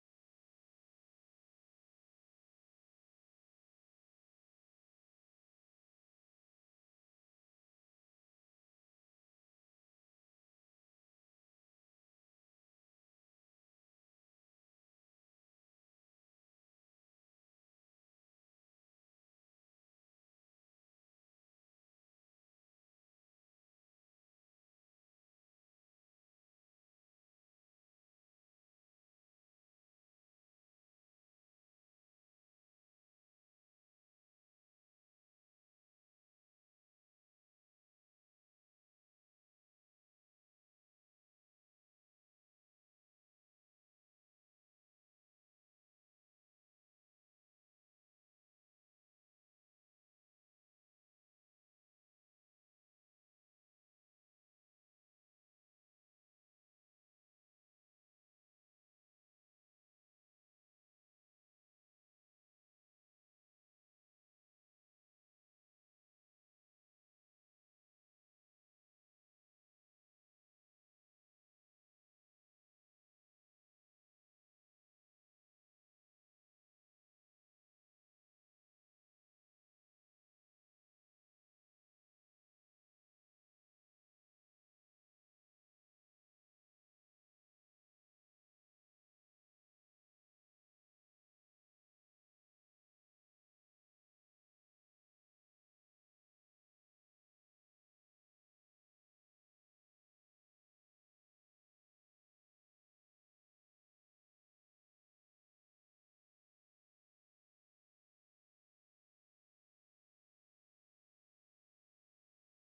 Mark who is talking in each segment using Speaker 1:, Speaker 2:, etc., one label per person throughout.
Speaker 1: hello, hello, and welcome back to another episode where we talk about our favorite childhood. What do we call it, you know, Rizwan? I think we should call it Hogwarts Legacy rather. Everyone, I think, have guessed it right. Yes. So I'm your host, Rishita, and with me, I have Rizwan as my co host. How are you doing, Rizwan?
Speaker 2: Yeah. Hi. Welcome. So, thank you for inviting me, and yeah, I'm excited.
Speaker 1: Okay, so thank you, Rizwan, for being here. I hope this podcast will be a very interesting podcast, and you know we are already the lovable duo with- by our audience. So let's start with this topic. Let's jump into this topic without wasting time. You know, Rizwan, I have been thinking. I have been so excited to dive into this one. I think today we are talking about Harry Potter universe, and I think our audiences are already very excited, and so am I. Not just the movies, but the games, the expansions, and everything that's built around the magical world. Honestly, it's insane how much the franchise has grown beyond just looks and films just books and films. And I know a lot of people, including me, it's like stepping into another world every time you watch or play, right? So Rizwan, what's your take on this, you know, Hogwarts Legacy with all these Harry Potters?
Speaker 2: I mean, I mean I grew up with these movies, so I still remember the first time I saw Hogwarts on a big screen. You
Speaker 1: Mhm.
Speaker 2: know, the atmosphere, the magic, and the music. It hits differently,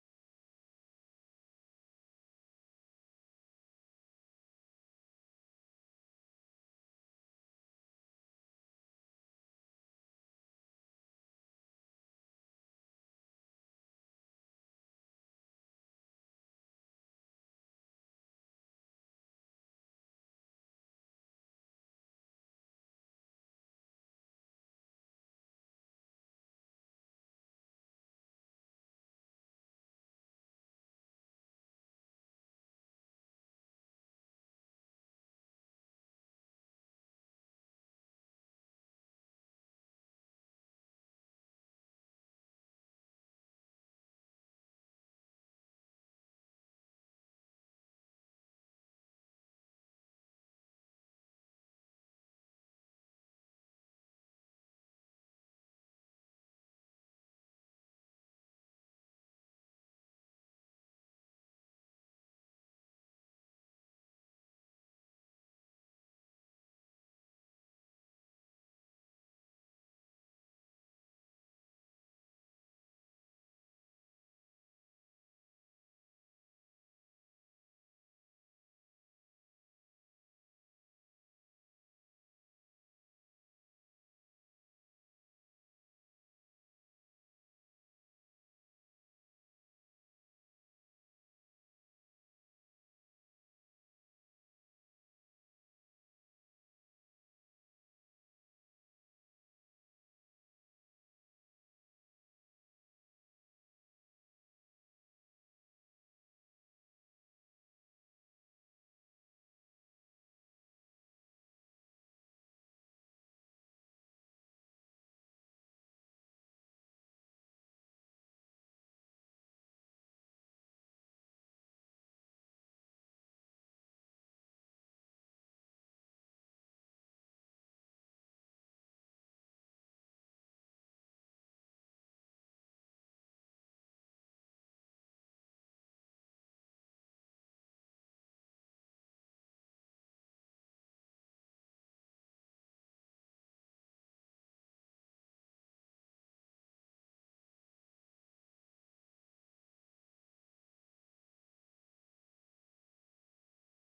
Speaker 2: and it's not like reading books. Like and then when the games came along, especially the newer ones, it wasn't just watching magic happen anymore.
Speaker 1: Mhm.
Speaker 2: It was about participating in it. And you go to cast spells and explore the castle and even more, even make choices that felt like your own wizarding journey.
Speaker 1: Exactly, and that's what I love talking about because the movies gave us the story and the world, you know, but the games gave us agency, like, right, suddenly we are not just following harry's you know Harry and friends, we are stepping into their shoes. Even older games like the Philosopher's Stone on PlayStation had that charm. And then with the, you know, later, the rgp RPG style games, the immersion just skyrocketed. I think one of the coolest things about this universe is how it evolves with the medium.
Speaker 2: Yeah, totally. And it's not just about being immersive, it's about details, right? And like in the films, every corner of the Hogwarts had a story, a little hidden thing that made the world feel alive. And in games, developers tried to capture that, moving through the castle halls, finding secret rooms, and interacting with the magic objects. It all adds layers, and that makes you feel like you are really there. That's something not every franchise manages to success to do successfully.
Speaker 1: Right. And speaking of layers, one thing that always blows up my mind is how consistent the lore has stayed across movies and games. You know, even with all the creative liberties in gameplay. Sure, a game might let you do something a movie character wouldn't do, but it still feels like it belongs in the same universe, and fans notice that. They catch the details and that easy easter eggs, you know, which makes the whole experience feel more richer.
Speaker 2: Yeah, exactly. And I think that's the part where, why the fandom is so passionate. There's this deep appreciation and for the continuity of world building.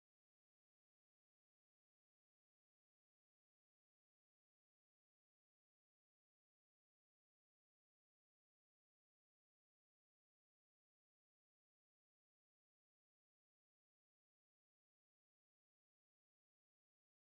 Speaker 2: When a game references a spell from the movie or a character moment from a book, it's like a reward for being part of the universe. It's almost like conversation between the creators and fans. And that keeps people engaged for years.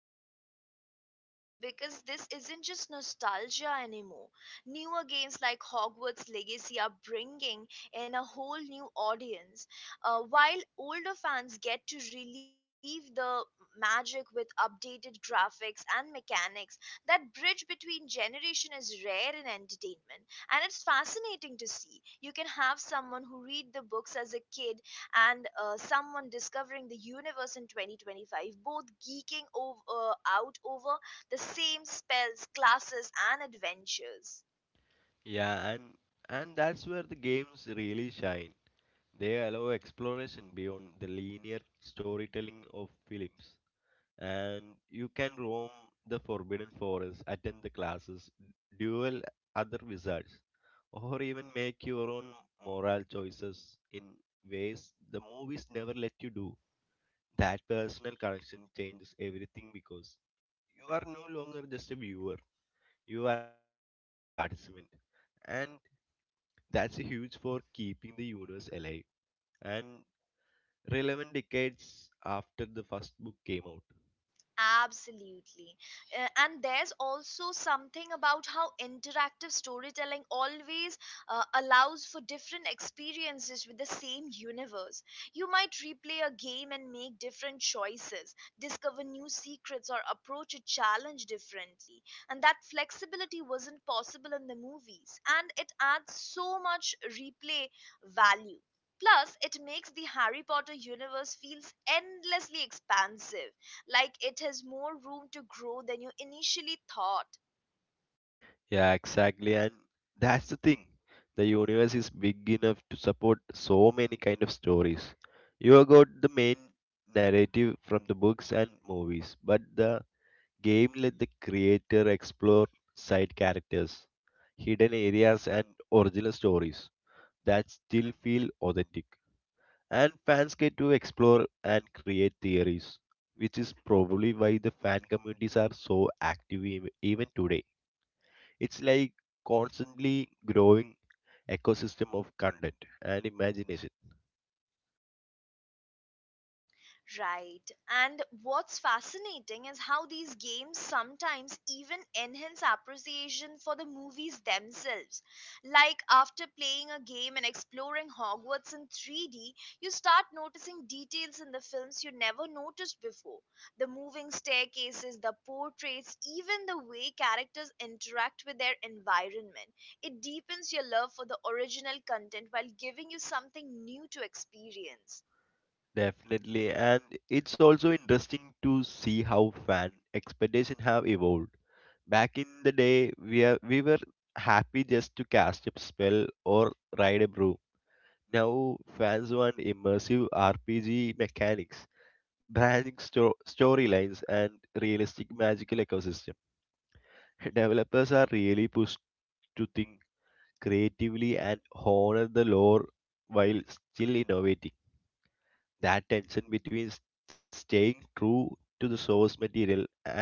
Speaker 1: Right, and it's wild because this isn't just nostalgia anymore. Newer games like Hogwarts Legacy are bringing in a whole new audience, while older fans get to relive the magic with updated graphics and mechanics. That bridge between generation is rare in entertainment, and it's fascinating to see. You can have someone who read the books as a kid, and someone discovering the universe in 2025, both geeking out over the same spells, classes, and adventures.
Speaker 2: Yeah, and that's where the games really shine. They allow exploration beyond the linear storytelling of films. And you can roam the forbidden forest, attend the classes, duel other wizards, or even make your own moral choices in ways the movies never let you do. That personal connection changes everything because you are no longer just a viewer, you are an active participant, and that's huge for keeping the universe alive and relevant decades after the first book came out.
Speaker 1: Absolutely. And there's also something about how interactive storytelling always allows for different experiences with the same universe. You might replay a game and make different choices, discover new secrets, or approach a challenge differently. And that flexibility wasn't possible in the movies, and it adds so much replay value. Plus, it makes the Harry Potter universe feels endlessly expansive, like it has more room to grow than you initially thought.
Speaker 2: Yeah, exactly. And that's the thing. The universe is big enough to support so many kind of stories. You have got the main narrative from the books and movies, but the game let the creator explore side characters, hidden areas and original stories that still feel authentic. And fans get to explore and create theories, which is probably why the fan communities are so active even today. It's like constantly growing ecosystem of content and imagination.
Speaker 1: Right. And what's fascinating is how these games sometimes even enhance appreciation for the movies themselves. Like after playing a game and exploring Hogwarts in 3D, you start noticing details in the films you never noticed before. The moving staircases, the portraits, even the way characters interact with their environment. It deepens your love for the original content while giving you something new to experience.
Speaker 2: Definitely, and it's also interesting to see how fan expectations have evolved. Back in the day, we were happy just to cast a spell or ride a brew. Now fans want immersive RPG mechanics, branding storylines, and realistic magical ecosystem. Developers are really pushed to think creatively and honor the lore while still innovating. That tension between staying true to the source material and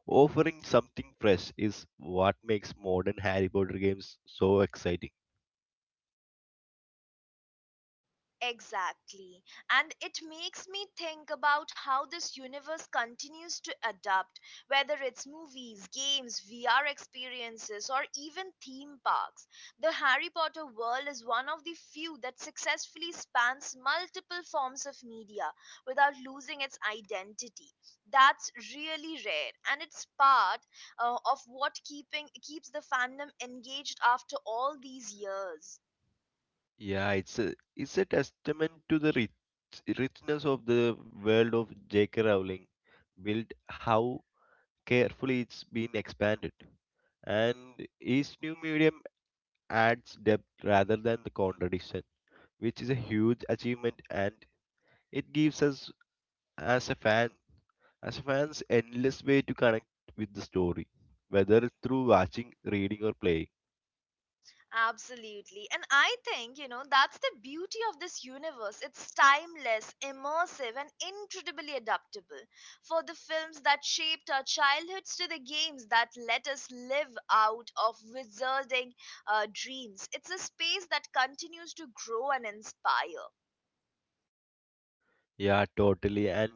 Speaker 2: offering something fresh is what makes modern Harry Potter games so exciting.
Speaker 1: Exactly. And it makes me think about how this universe continues to adapt, whether it's movies, games, VR experiences, or even theme parks. The Harry Potter world is one of the few that successfully spans multiple forms of media without losing its identity. That's really rare, and it's part of what keeping keeps the fandom engaged after all these years.
Speaker 2: Yeah, it's a testament to the richness of the world of J.K. Rowling, built how carefully it's been expanded, and each new medium adds depth rather than the contradiction, which is a huge achievement and it gives us as a fan as a fans endless way to connect with the story whether through watching reading or playing.
Speaker 1: Absolutely. And I think, you know, that's the beauty of this universe. It's timeless, immersive, and incredibly adaptable. For the films that shaped our childhoods to the games that let us live out of wizarding dreams, it's a space that continues to grow and inspire.
Speaker 2: Yeah, totally, and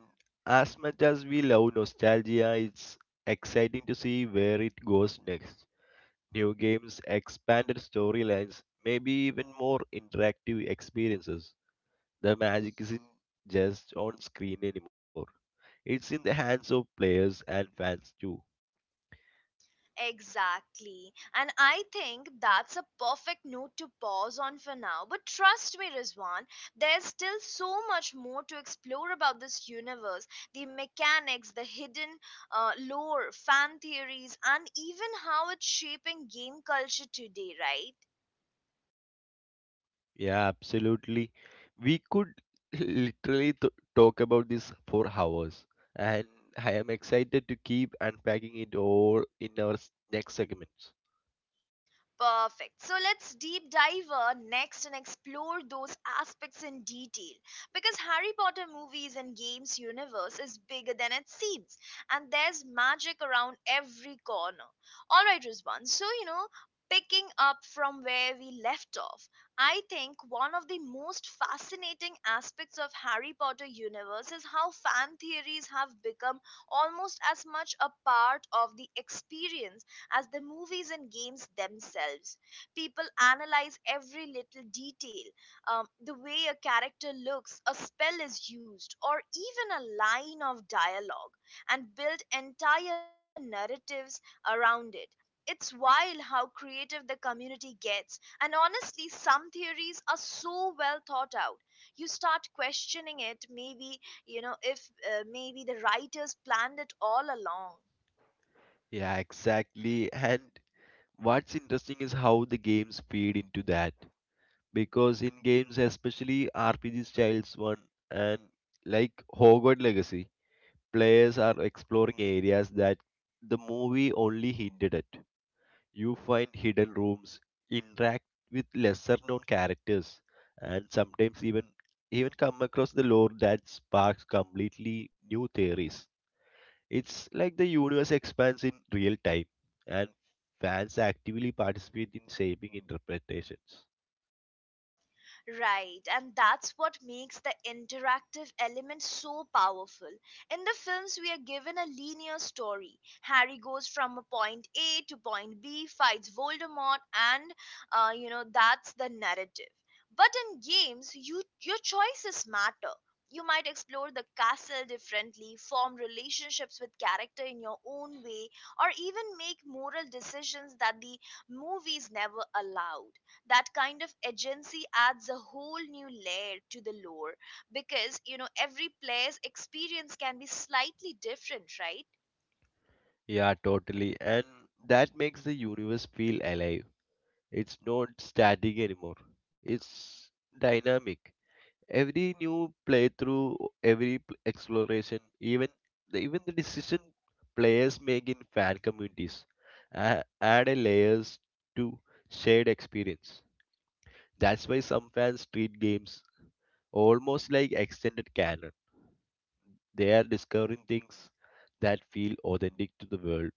Speaker 2: as much as we love nostalgia it's exciting to see where it goes next, new games expanded storylines maybe even more interactive experiences. The magic isn't just on screen anymore, it's in the hands of players and fans too.
Speaker 1: Exactly. And I think that's a perfect note to pause on for now. But trust me, Rizwan, there's still so much more to explore about this universe, the mechanics, the hidden lore, fan theories, and even how it's shaping game culture today, right?
Speaker 2: Yeah, absolutely. We could literally t talk about this for hours, and I am excited to keep unpacking it all in our next segments.
Speaker 1: Perfect. So let's deep dive next and explore those aspects in detail, because Harry Potter movies and games universe is bigger than it seems, and there's magic around every corner. All right, Rizwan. So, you know, picking up from where we left off, I think one of the most fascinating aspects of Harry Potter universe is how fan theories have become almost as much a part of the experience as the movies and games themselves. People analyze every little detail, the way a character looks, a spell is used, or even a line of dialogue, and build entire narratives around it. It's wild how creative the community gets, and honestly, some theories are so well thought out, you start questioning it, maybe, you know, if maybe the writers planned it all along.
Speaker 2: Yeah, exactly. And what's interesting is how the games feed into that. Because in games, especially RPG Styles 1 and like Hogwarts Legacy, players are exploring areas that the movie only hinted at. You find hidden rooms, interact with lesser known characters, and sometimes even come across the lore that sparks completely new theories. It's like the universe expands in real time, and fans actively participate in shaping interpretations.
Speaker 1: Right, and that's what makes the interactive element so powerful. In the films, we are given a linear story. Harry goes from a point A to point B, fights Voldemort, and you know, that's the narrative. But in games, your choices matter. You might explore the castle differently, form relationships with character in your own way, or even make moral decisions that the movies never allowed. That kind of agency adds a whole new layer to the lore, because, you know, every player's experience can be slightly different, right?
Speaker 2: Yeah, totally. And that makes the universe feel alive. It's not static anymore. It's dynamic. Every new playthrough, every exploration, even the decision players make in fan communities add a layers to shared experience. That's why some fans treat games almost like extended canon. They are discovering things that feel authentic to the world,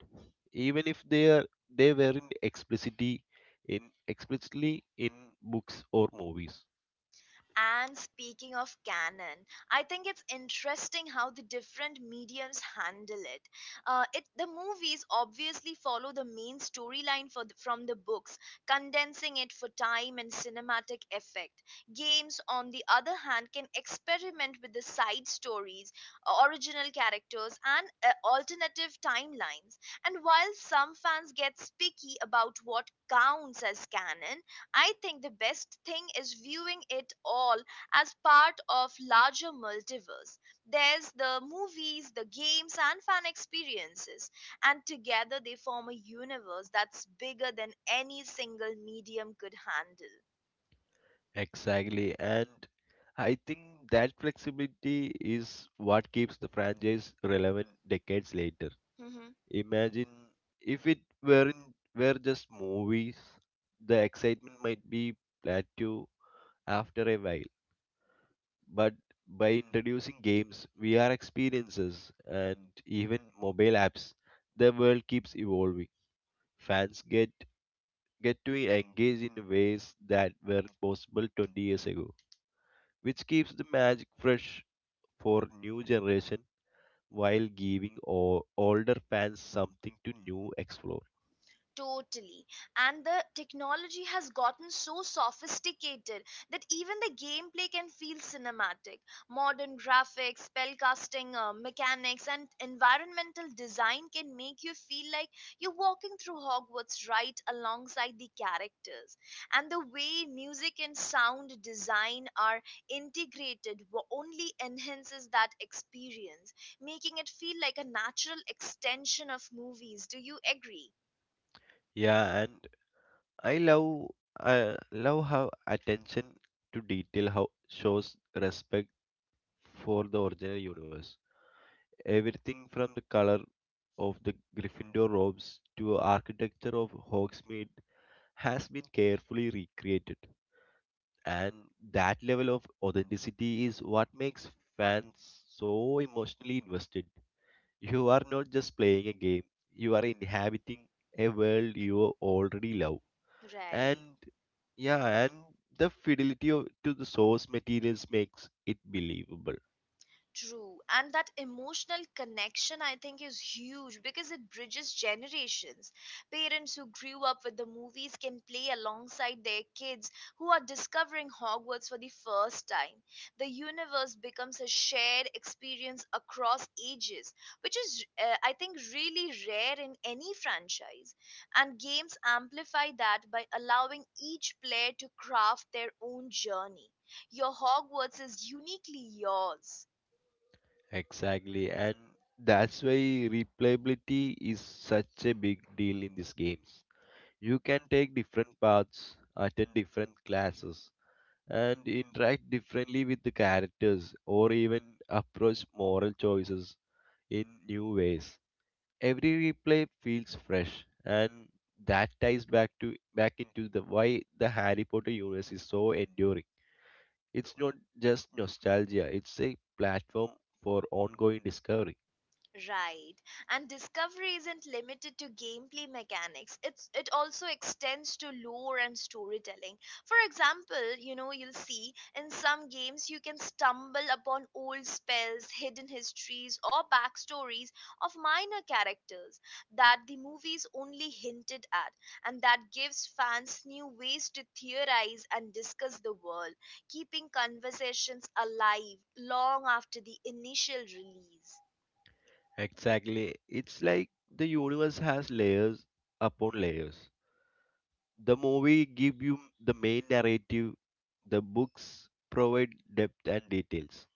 Speaker 2: even if they weren't in explicitly in books or movies.
Speaker 1: And speaking of canon, I think it's interesting how the different mediums handle it. The movies obviously follow the main storyline from the books, condensing it for time and cinematic effect. Games, on the other hand, can experiment with the side stories, original characters, and alternative timelines. And while some fans get picky about what counts as canon, I think the best thing is viewing it all as part of larger multiverse. There's the movies, the games and fan experiences, and together they form a universe that's bigger than any single medium could
Speaker 2: Exactly. And I think that flexibility is what keeps the franchise relevant decades later.
Speaker 1: handle.
Speaker 2: Imagine if it weren't were just movies, the excitement might be plateau after a while. But by introducing games, VR experiences, and even mobile apps, the world keeps evolving. Fans get to engage in ways that weren't possible 20 years ago, which keeps the magic fresh for new generation while giving older fans something to new explore.
Speaker 1: Totally. And the technology has gotten so sophisticated that even the gameplay can feel cinematic. Modern graphics, spellcasting, mechanics, and environmental design can make you feel like you're walking through Hogwarts right alongside the characters. And the way music and sound design are integrated only enhances that experience, making it feel like a natural extension of movies. Do you agree?
Speaker 2: Yeah, and I love I love how attention to detail how shows respect for the original universe. Everything from the color of the Gryffindor robes to architecture of Hogsmeade has been carefully recreated, and that level of authenticity is what makes fans so emotionally invested. You are not just playing a game, you are inhabiting a world you already love.
Speaker 1: Right.
Speaker 2: And yeah, and the fidelity of, to the source materials makes it believable.
Speaker 1: True. And that emotional connection, I think, is huge because it bridges generations. Parents who grew up with the movies can play alongside their kids who are discovering Hogwarts for the first time. The universe becomes a shared experience across ages, which is, I think, really rare in any franchise. And games amplify that by allowing each player to craft their own journey. Your Hogwarts is uniquely yours.
Speaker 2: Exactly, and that's why replayability is such a big deal in these games. You can take different paths, attend different classes, and interact differently with the characters or even approach moral choices in new ways. Every replay feels fresh and that ties back into the why the Harry Potter universe is so enduring. It's not just nostalgia, it's a platform for ongoing discovery.
Speaker 1: Right. And discovery isn't limited to gameplay mechanics. It also extends to lore and storytelling. For example, you know, you'll see in some games you can stumble upon old spells, hidden histories, or backstories of minor characters that the movies only hinted at, and that gives fans new ways to theorize and discuss the world, keeping conversations alive long after the initial release.
Speaker 2: Exactly. It's like the universe has layers upon layers. The movie give you the main narrative, the books provide depth and details.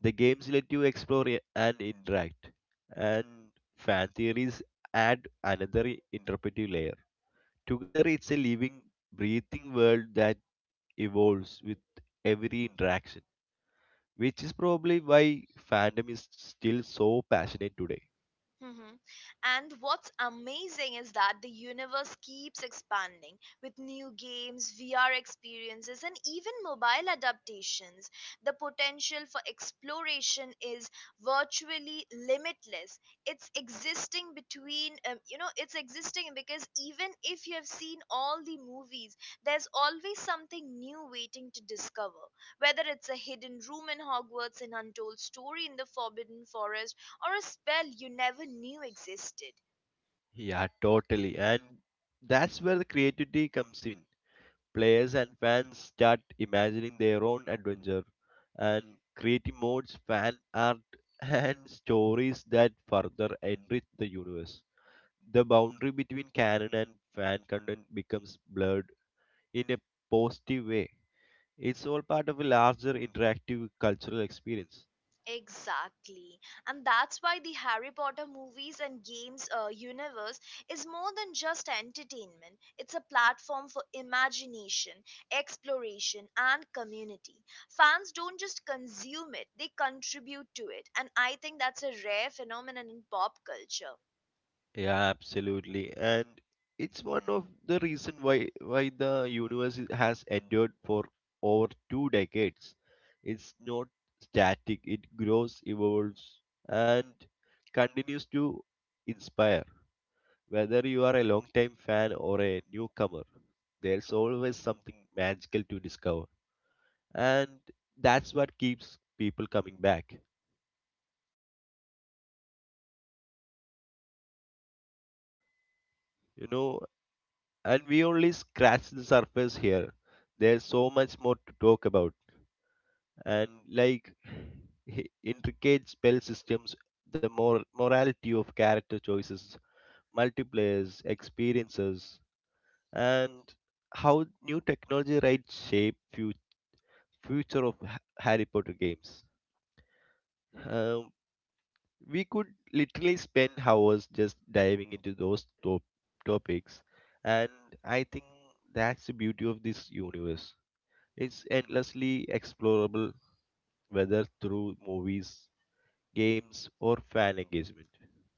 Speaker 2: The games let you explore and interact, and fan theories add another interpretive layer. Together, it's a living, breathing world that evolves with every interaction, which is probably why fandom is still so passionate today.
Speaker 1: Mhm. And what's amazing is that the universe keeps expanding with new games, VR experiences, and even mobile adaptations. The potential for exploration is virtually limitless. It's existing between, you know, it's existing because even if you have seen all the movies, there's always something new waiting to discover. Whether it's a hidden room in Hogwarts, an untold story in the Forbidden Forest, or a spell you never knew existed.
Speaker 2: Yeah, totally. And that's where the creativity comes in. Players and fans start imagining their own adventure and creating modes, fan art, and stories that further enrich the universe. The boundary between canon and fan content becomes blurred in a positive way. It's all part of a larger interactive cultural experience.
Speaker 1: Exactly. And that's why the Harry Potter movies and games universe is more than just entertainment. It's a platform for imagination, exploration, and community. Fans don't just consume it, they contribute to it. And I think that's a rare phenomenon in pop culture.
Speaker 2: Yeah, absolutely. And it's one of the reason why the universe has endured for over two decades. It's not static. It grows, evolves, and continues to inspire. Whether you are a long-time fan or a newcomer, there's always something magical to discover. And that's what keeps people coming back. You know, and we only scratch the surface here. There's so much more to talk about and like intricate spell systems, the morality of character choices, multipliers, experiences, and how new technology rights shape future of Harry Potter games. Um, we could literally spend hours just diving into those topics, and I think that's the beauty of this universe. It's endlessly explorable, whether through movies, games, or fan engagement.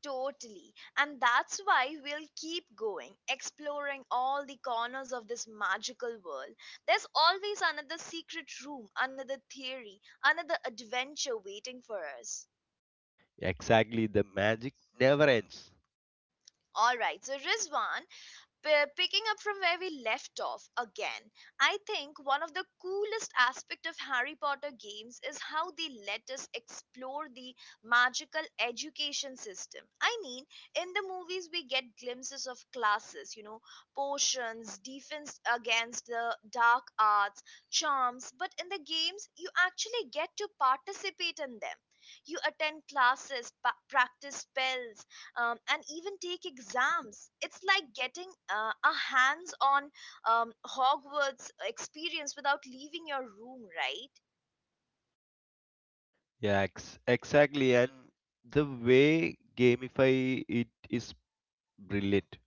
Speaker 1: Totally. And that's why we'll keep going, exploring all the corners of this magical world. There's always another secret room, another theory, another adventure waiting for us.
Speaker 2: Exactly, the magic never ends.
Speaker 1: All right, so Rizwan, picking up from where we left off again, I think one of the coolest aspects of Harry Potter games is how they let us explore the magical education system. I mean, in the movies we get glimpses of classes, you know, potions, defense against the dark arts, charms, but in the games you actually get to participate in them. You attend classes, practice spells, and even take exams. It's like getting a hands on Hogwarts experience without leaving your room, right?
Speaker 2: Yeah, exactly, and the way gamify it is brilliant.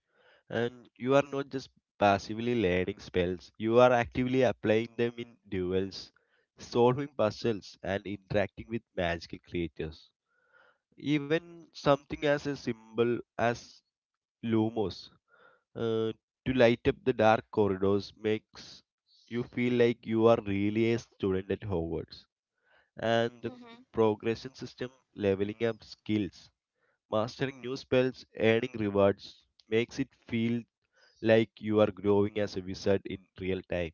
Speaker 2: And you are not just passively learning spells; you are actively applying them in duels, solving puzzles, and interacting with magical creatures. Even something as a symbol as Lumos, uh, to light up the dark corridors makes you feel like you are really a student at Hogwarts. And the progression system, leveling up skills, mastering new spells, earning rewards makes it feel like you are growing as a wizard in real time.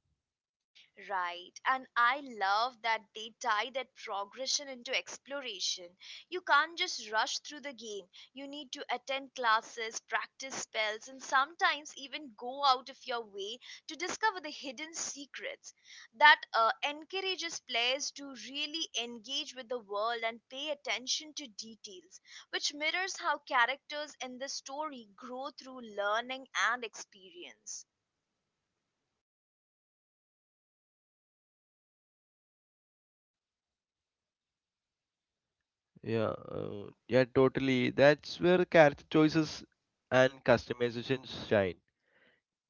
Speaker 1: Right. And I love that they tie that progression into exploration. You can't just rush through the game. You need to attend classes, practice spells, and sometimes even go out of your way to discover the hidden secrets. That encourages players to really engage with the world and pay attention to details, which mirrors how characters in the story grow through learning and experience.
Speaker 2: Yeah, totally. That's where character choices and customizations shine.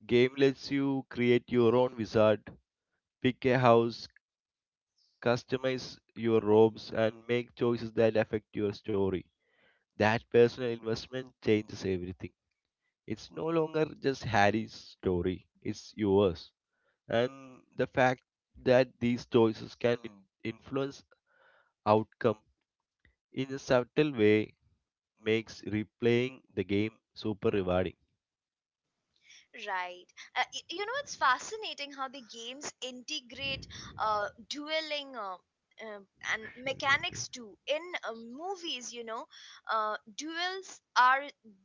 Speaker 2: Game lets you create your own wizard, pick a house, customize your robes, and make choices that affect your story. That personal investment changes everything. It's no longer just Harry's story, it's yours. And the fact that these choices can influence outcome in a subtle way makes replaying the game super rewarding.
Speaker 1: Right. You know, it's fascinating how the games integrate dueling uh, and
Speaker 2: Sure,
Speaker 1: mechanics too. In movies, you know, duels are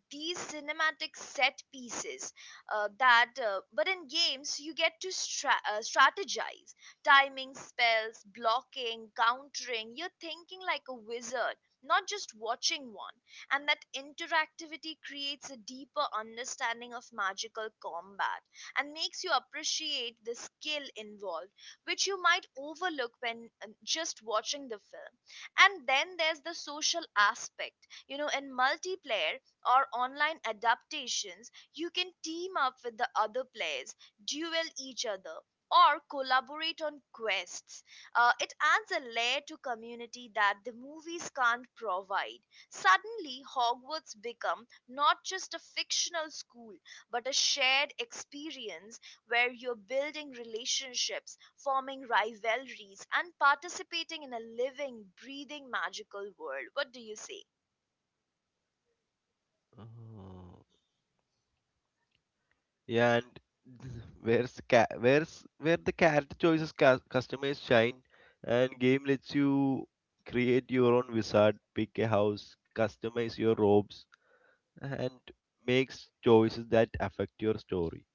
Speaker 1: these cinematic set pieces but in games, you get to strategize timing, spells, blocking, countering. You're thinking like a wizard, not just watching one, and that interactivity creates a deeper understanding of magical combat and makes you appreciate the skill involved, which you might overlook when just watching the film. And then there's the social aspect. You know, in multiplayer or online adaptations, you can team up with the other players, duel each other, or collaborate on quests. It adds a layer to community that the movies can't provide. Suddenly, Hogwarts became not just a fictional school, but a shared experience where you're building relationships, forming rivalries, and participating in a living, breathing magical world. What do you say?
Speaker 2: okay. Yeah, and where's where the character choices customers shine, and game lets you create your own wizard, pick a house, customize your robes, and makes choices that affect your story.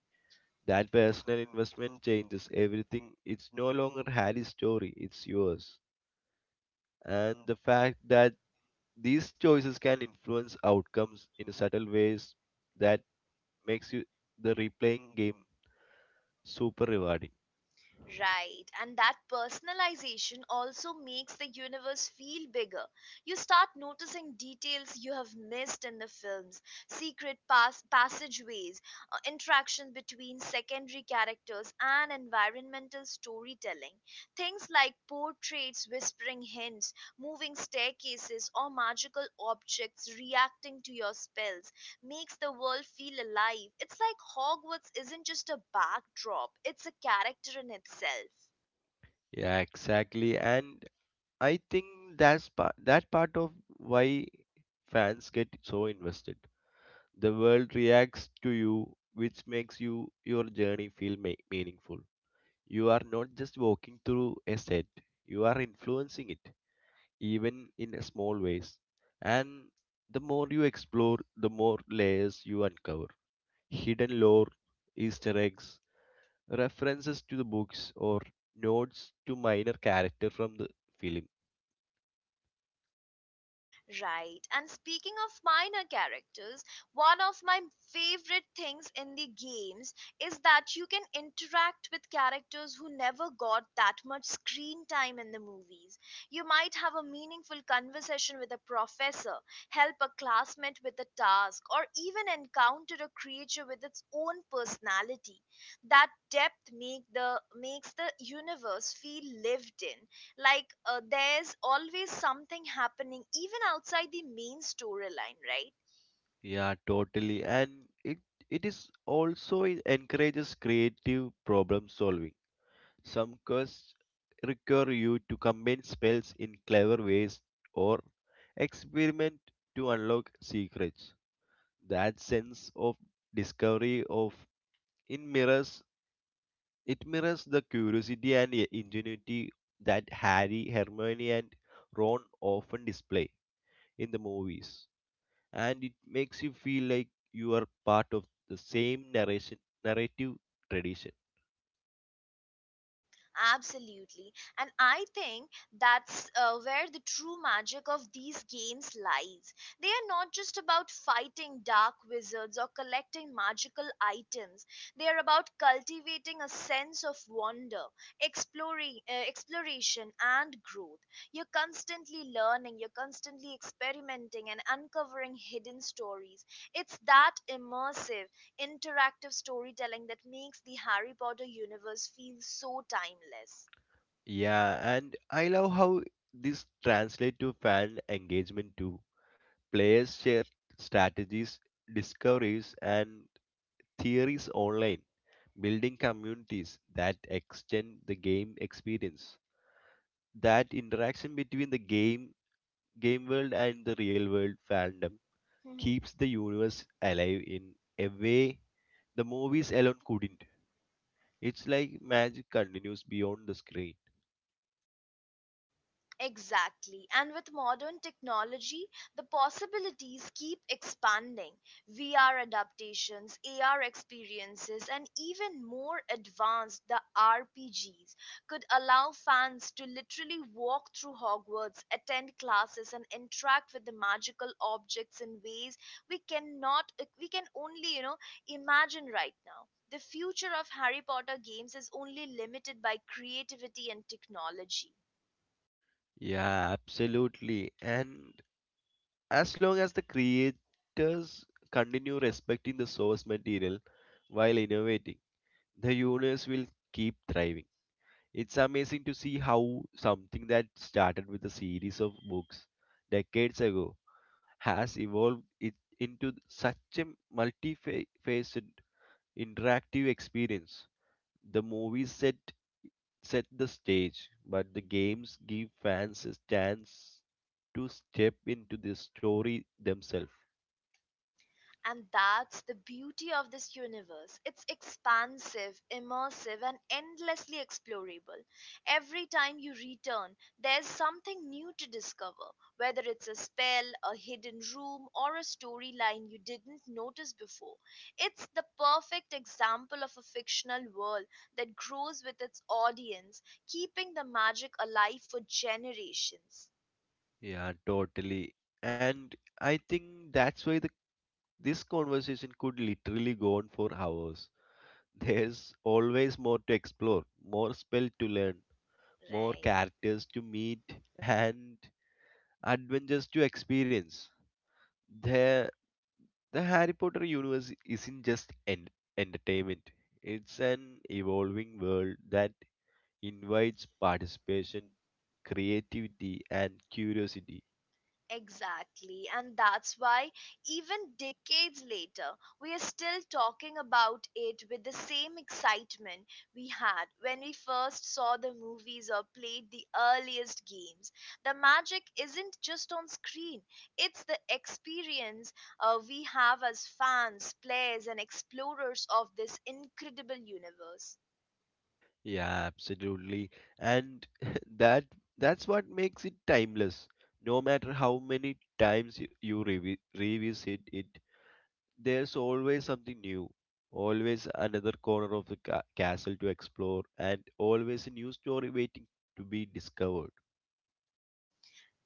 Speaker 2: That personal investment changes everything. It's no longer Harry's story; it's yours. And the fact that these choices can influence outcomes in subtle ways that makes you the replaying game super rewarding.
Speaker 1: Right, and that personalization also makes the universe feel bigger. You start noticing details you have missed in the films, secret passageways, interaction between secondary characters, and environmental storytelling. Things like portraits whispering hints, moving staircases, or magical objects reacting to your spells makes the world feel alive. It's like Hogwarts isn't just a backdrop, it's a character in itself.
Speaker 2: Yeah, exactly. And I think that's that part of why fans get so invested. The world reacts to you, which makes you your journey feel meaningful. You are not just walking through a set; you are influencing it, even in a small ways. And the more you explore, the more layers you uncover: hidden lore, Easter eggs, references to the books, or nods to minor character from the film.
Speaker 1: Right. And speaking of minor characters, one of my favorite things in the games is that you can interact with characters who never got that much screen time in the movies. You might have a meaningful conversation with a professor, help a classmate with a task, or even encounter a creature with its own personality. That depth make the makes the universe feel lived in, like there's always something happening even outside the main storyline, right?
Speaker 2: Yeah, totally. And it it is also it encourages creative problem solving. Some quests require you to combine spells in clever ways or experiment to unlock secrets. That sense of discovery of in mirrors it mirrors the curiosity and ingenuity that Harry, Hermione and Ron often display in the movies, and it makes you feel like you are part of the same narration narrative tradition.
Speaker 1: Absolutely. And I think that's where the true magic of these games lies. They are not just about fighting dark wizards or collecting magical items. They are about cultivating a sense of wonder, exploration and growth. You're constantly learning, you're constantly experimenting and uncovering hidden stories. It's that immersive, interactive storytelling that makes the Harry Potter universe feel so timeless.
Speaker 2: Yeah, and I love how this translates to fan engagement too. Players share strategies, discoveries and theories online, building communities that extend the game experience. That interaction between the game world and the real world fandom keeps the universe alive in a way the movies alone couldn't. It's like magic continues beyond the screen.
Speaker 1: Exactly. And with modern technology, the possibilities keep expanding. VR adaptations, AR experiences, and even more advanced the RPGs could allow fans to literally walk through Hogwarts, attend classes and interact with the magical objects in ways we cannot we can only, you know, imagine right now. The future of Harry Potter games is only limited by creativity and technology.
Speaker 2: Yeah, absolutely. And as long as the creators continue respecting the source material while innovating, the universe will keep thriving. It's amazing to see how something that started with a series of books decades ago has evolved it into such a multifaceted interactive experience. The movie set set the stage, but the games give fans a chance to step into the story themselves.
Speaker 1: And that's the beauty of this universe. It's expansive, immersive, and endlessly explorable. Every time you return, there's something new to discover, whether it's a spell, a hidden room, or a storyline you didn't notice before. It's the perfect example of a fictional world that grows with its audience, keeping the magic alive for generations.
Speaker 2: Yeah, totally. And I think that's why the this conversation could literally go on for hours. There's always more to explore, more spell to learn, more
Speaker 1: Right.
Speaker 2: characters to meet, and adventures to experience. There The Harry Potter universe isn't just entertainment, it's an evolving world that invites participation, creativity, and curiosity.
Speaker 1: Exactly, and that's why, even decades later, we are still talking about it with the same excitement we had when we first saw the movies or played the earliest games. The magic isn't just on screen, it's the experience we have as fans, players, and explorers of this incredible universe.
Speaker 2: Yeah, absolutely. And that that's what makes it timeless. No matter how many times you revisit it, there's always something new, always another corner of the castle to explore, and always a new story waiting to be discovered.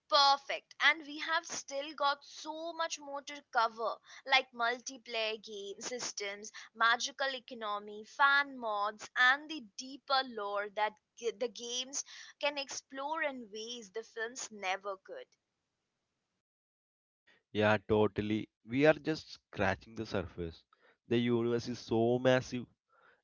Speaker 1: Perfect. And we have still got so much more to cover, like multiplayer game systems, magical economy, fan mods, and the deeper lore that the games can explore in ways the films never could.
Speaker 2: Yeah, totally. We are just scratching the surface. The universe is so massive,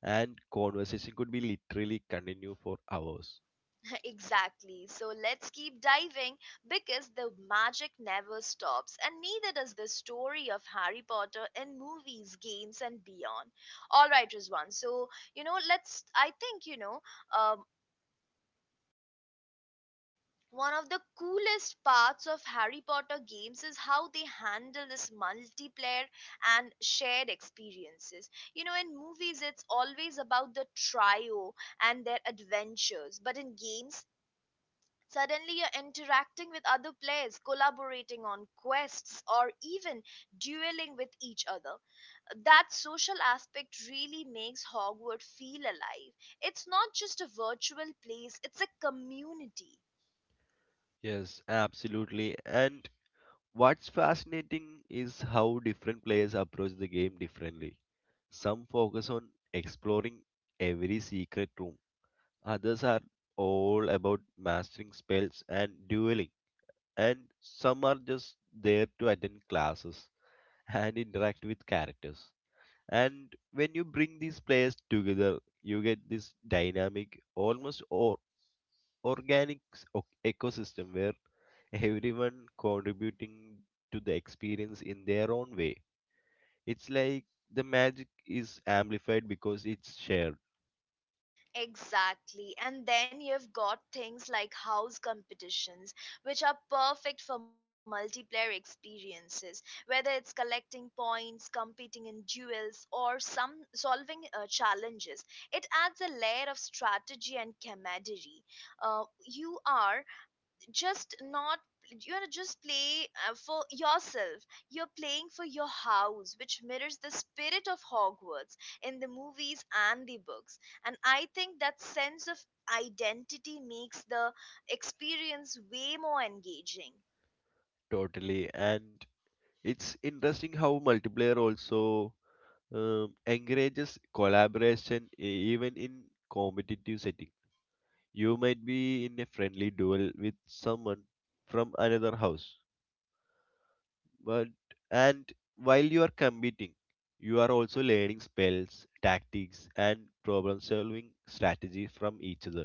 Speaker 2: and conversation could be literally continue for hours.
Speaker 1: Exactly. So let's keep diving because the magic never stops, and neither does the story of Harry Potter in movies, games, and beyond. All right, Rizwan. So, you know, let's, I think, you know, um, one of the coolest parts of Harry Potter games is how they handle this multiplayer and shared experiences. You know, in movies, it's always about the trio and their adventures, but in games, suddenly you're interacting with other players, collaborating on quests, or even dueling with each other. That social aspect really makes Hogwarts feel alive. It's not just a virtual place, it's a community.
Speaker 2: Yes, absolutely. And what's fascinating is how different players approach the game differently. Some focus on exploring every secret room, others are all about mastering spells and dueling, and some are just there to attend classes and interact with characters. And when you bring these players together, you get this dynamic almost or organic ecosystem where everyone contributing to the experience in their own way. It's like the magic is amplified because it's shared.
Speaker 1: Exactly. And then you've got things like house competitions, which are perfect for multiplayer experiences, whether it's collecting points, competing in duels, or some solving challenges. It adds a layer of strategy and camaraderie. You are just not you know just play for yourself, you're playing for your house, which mirrors the spirit of Hogwarts in the movies and the books, and I think that sense of identity makes the experience way more engaging.
Speaker 2: Totally, and it's interesting how multiplayer also encourages collaboration even in competitive setting. You might be in a friendly duel with someone from another house, but and while you are competing, you are also learning spells, tactics and problem solving strategies from each other.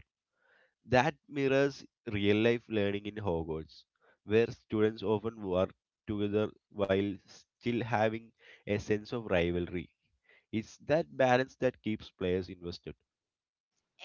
Speaker 2: That mirrors real life learning in Hogwarts, where students often work together while still having a sense of rivalry. It's that balance that keeps players invested.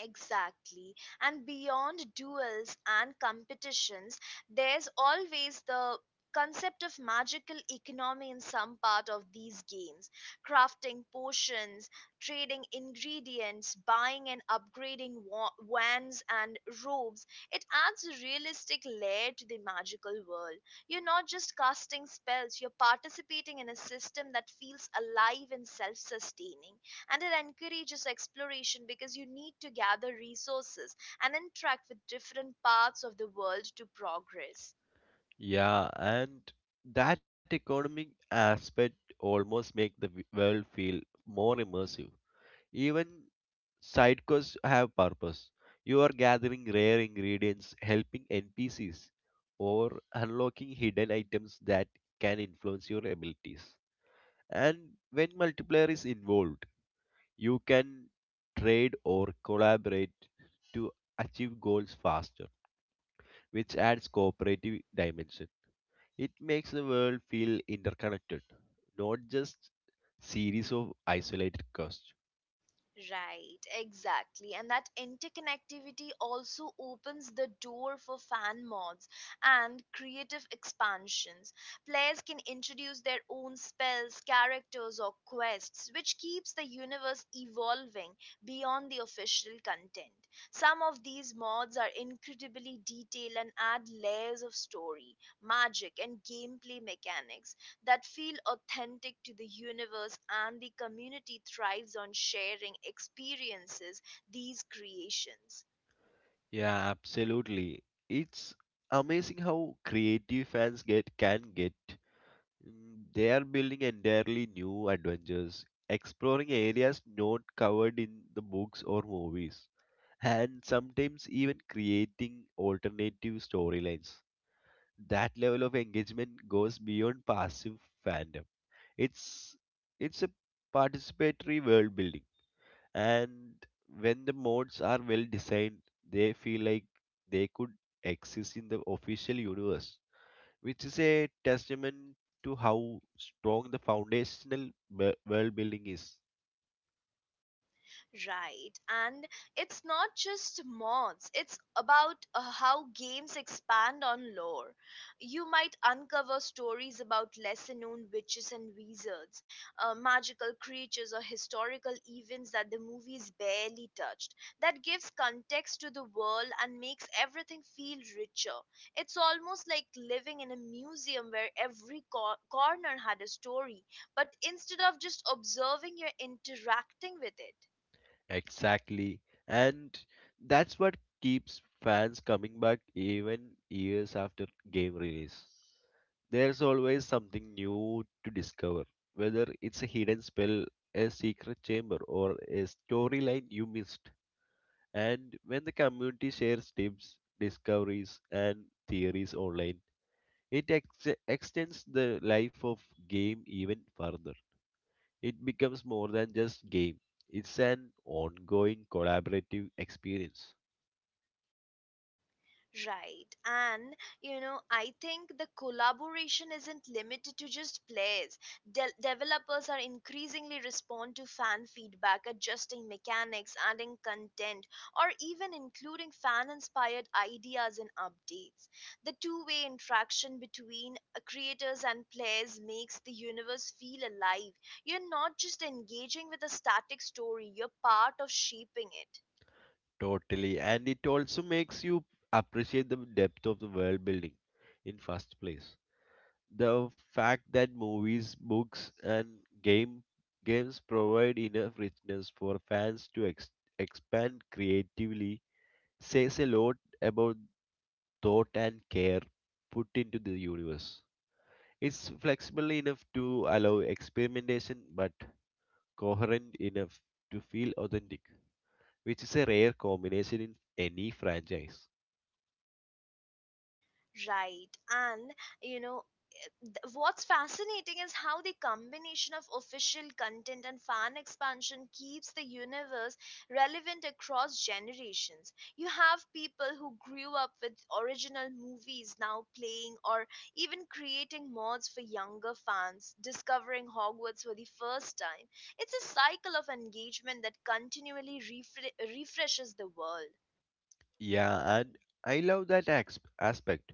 Speaker 1: Exactly. And beyond duels and competitions, there's always the concept of magical economy in some part of these games. Crafting potions, trading ingredients, buying and upgrading wands and robes. It adds a realistic layer to the magical world. You're not just casting spells, you're participating in a system that feels alive and self sustaining, and it encourages exploration because you need to gather resources and interact with different parts of the world to progress.
Speaker 2: Yeah, and that economic aspect almost make the world feel more immersive, even. Side quests have purpose. You are gathering rare ingredients, helping NPCs, or unlocking hidden items that can influence your abilities. And when multiplayer is involved, you can trade or collaborate to achieve goals faster, which adds cooperative dimension. It makes the world feel interconnected, not just series of isolated quests.
Speaker 1: Right, exactly. And that interconnectivity also opens the door for fan mods and creative expansions. Players can introduce their own spells, characters, or quests, which keeps the universe evolving beyond the official content. Some of these mods are incredibly detailed and add layers of story, magic, and gameplay mechanics that feel authentic to the universe, and the community thrives on sharing experiences, these creations.
Speaker 2: Yeah, absolutely. It's amazing how creative fans get can get. Mm, they are building entirely new adventures, exploring areas not covered in the books or movies, and sometimes even creating alternative storylines. That level of engagement goes beyond passive fandom. It's it's a participatory world building, and when the modes are well designed, they feel like they could exist in the official universe, which is a testament to how strong the foundational world building is.
Speaker 1: Right, and it's not just mods, it's about how games expand on lore. You might uncover stories about lesser known witches and wizards, magical creatures, or historical events that the movies barely touched. That gives context to the world and makes everything feel richer. It's almost like living in a museum where every corner had a story, but instead of just observing, you're interacting with it.
Speaker 2: Exactly. And that's what keeps fans coming back even years after game release. There's always something new to discover, whether it's a hidden spell, a secret chamber or a storyline you missed. And when the community shares tips, discoveries, and theories online, it extends the life of game even further. It becomes more than just game. It's an ongoing collaborative experience.
Speaker 1: Right. And, you know, I think the collaboration isn't limited to just players. Developers are increasingly respond to fan feedback, adjusting mechanics, adding content, or even including fan-inspired ideas in updates. The two-way interaction between creators and players makes the universe feel alive. You're not just engaging with a static story, you're part of shaping it.
Speaker 2: Totally, and it also makes you appreciate the depth of the world building in first place. The fact that movies, books, and game games provide enough richness for fans to expand creatively says a lot about thought and care put into the universe. It's flexible enough to allow experimentation, but coherent enough to feel authentic, which is a rare combination in any franchise.
Speaker 1: Right. And, you know, what's fascinating is how the combination of official content and fan expansion keeps the universe relevant across generations. You have people who grew up with original movies now playing or even creating mods for younger fans, discovering Hogwarts for the first time. It's a cycle of engagement that continually refreshes the world.
Speaker 2: Yeah, and I love that aspect,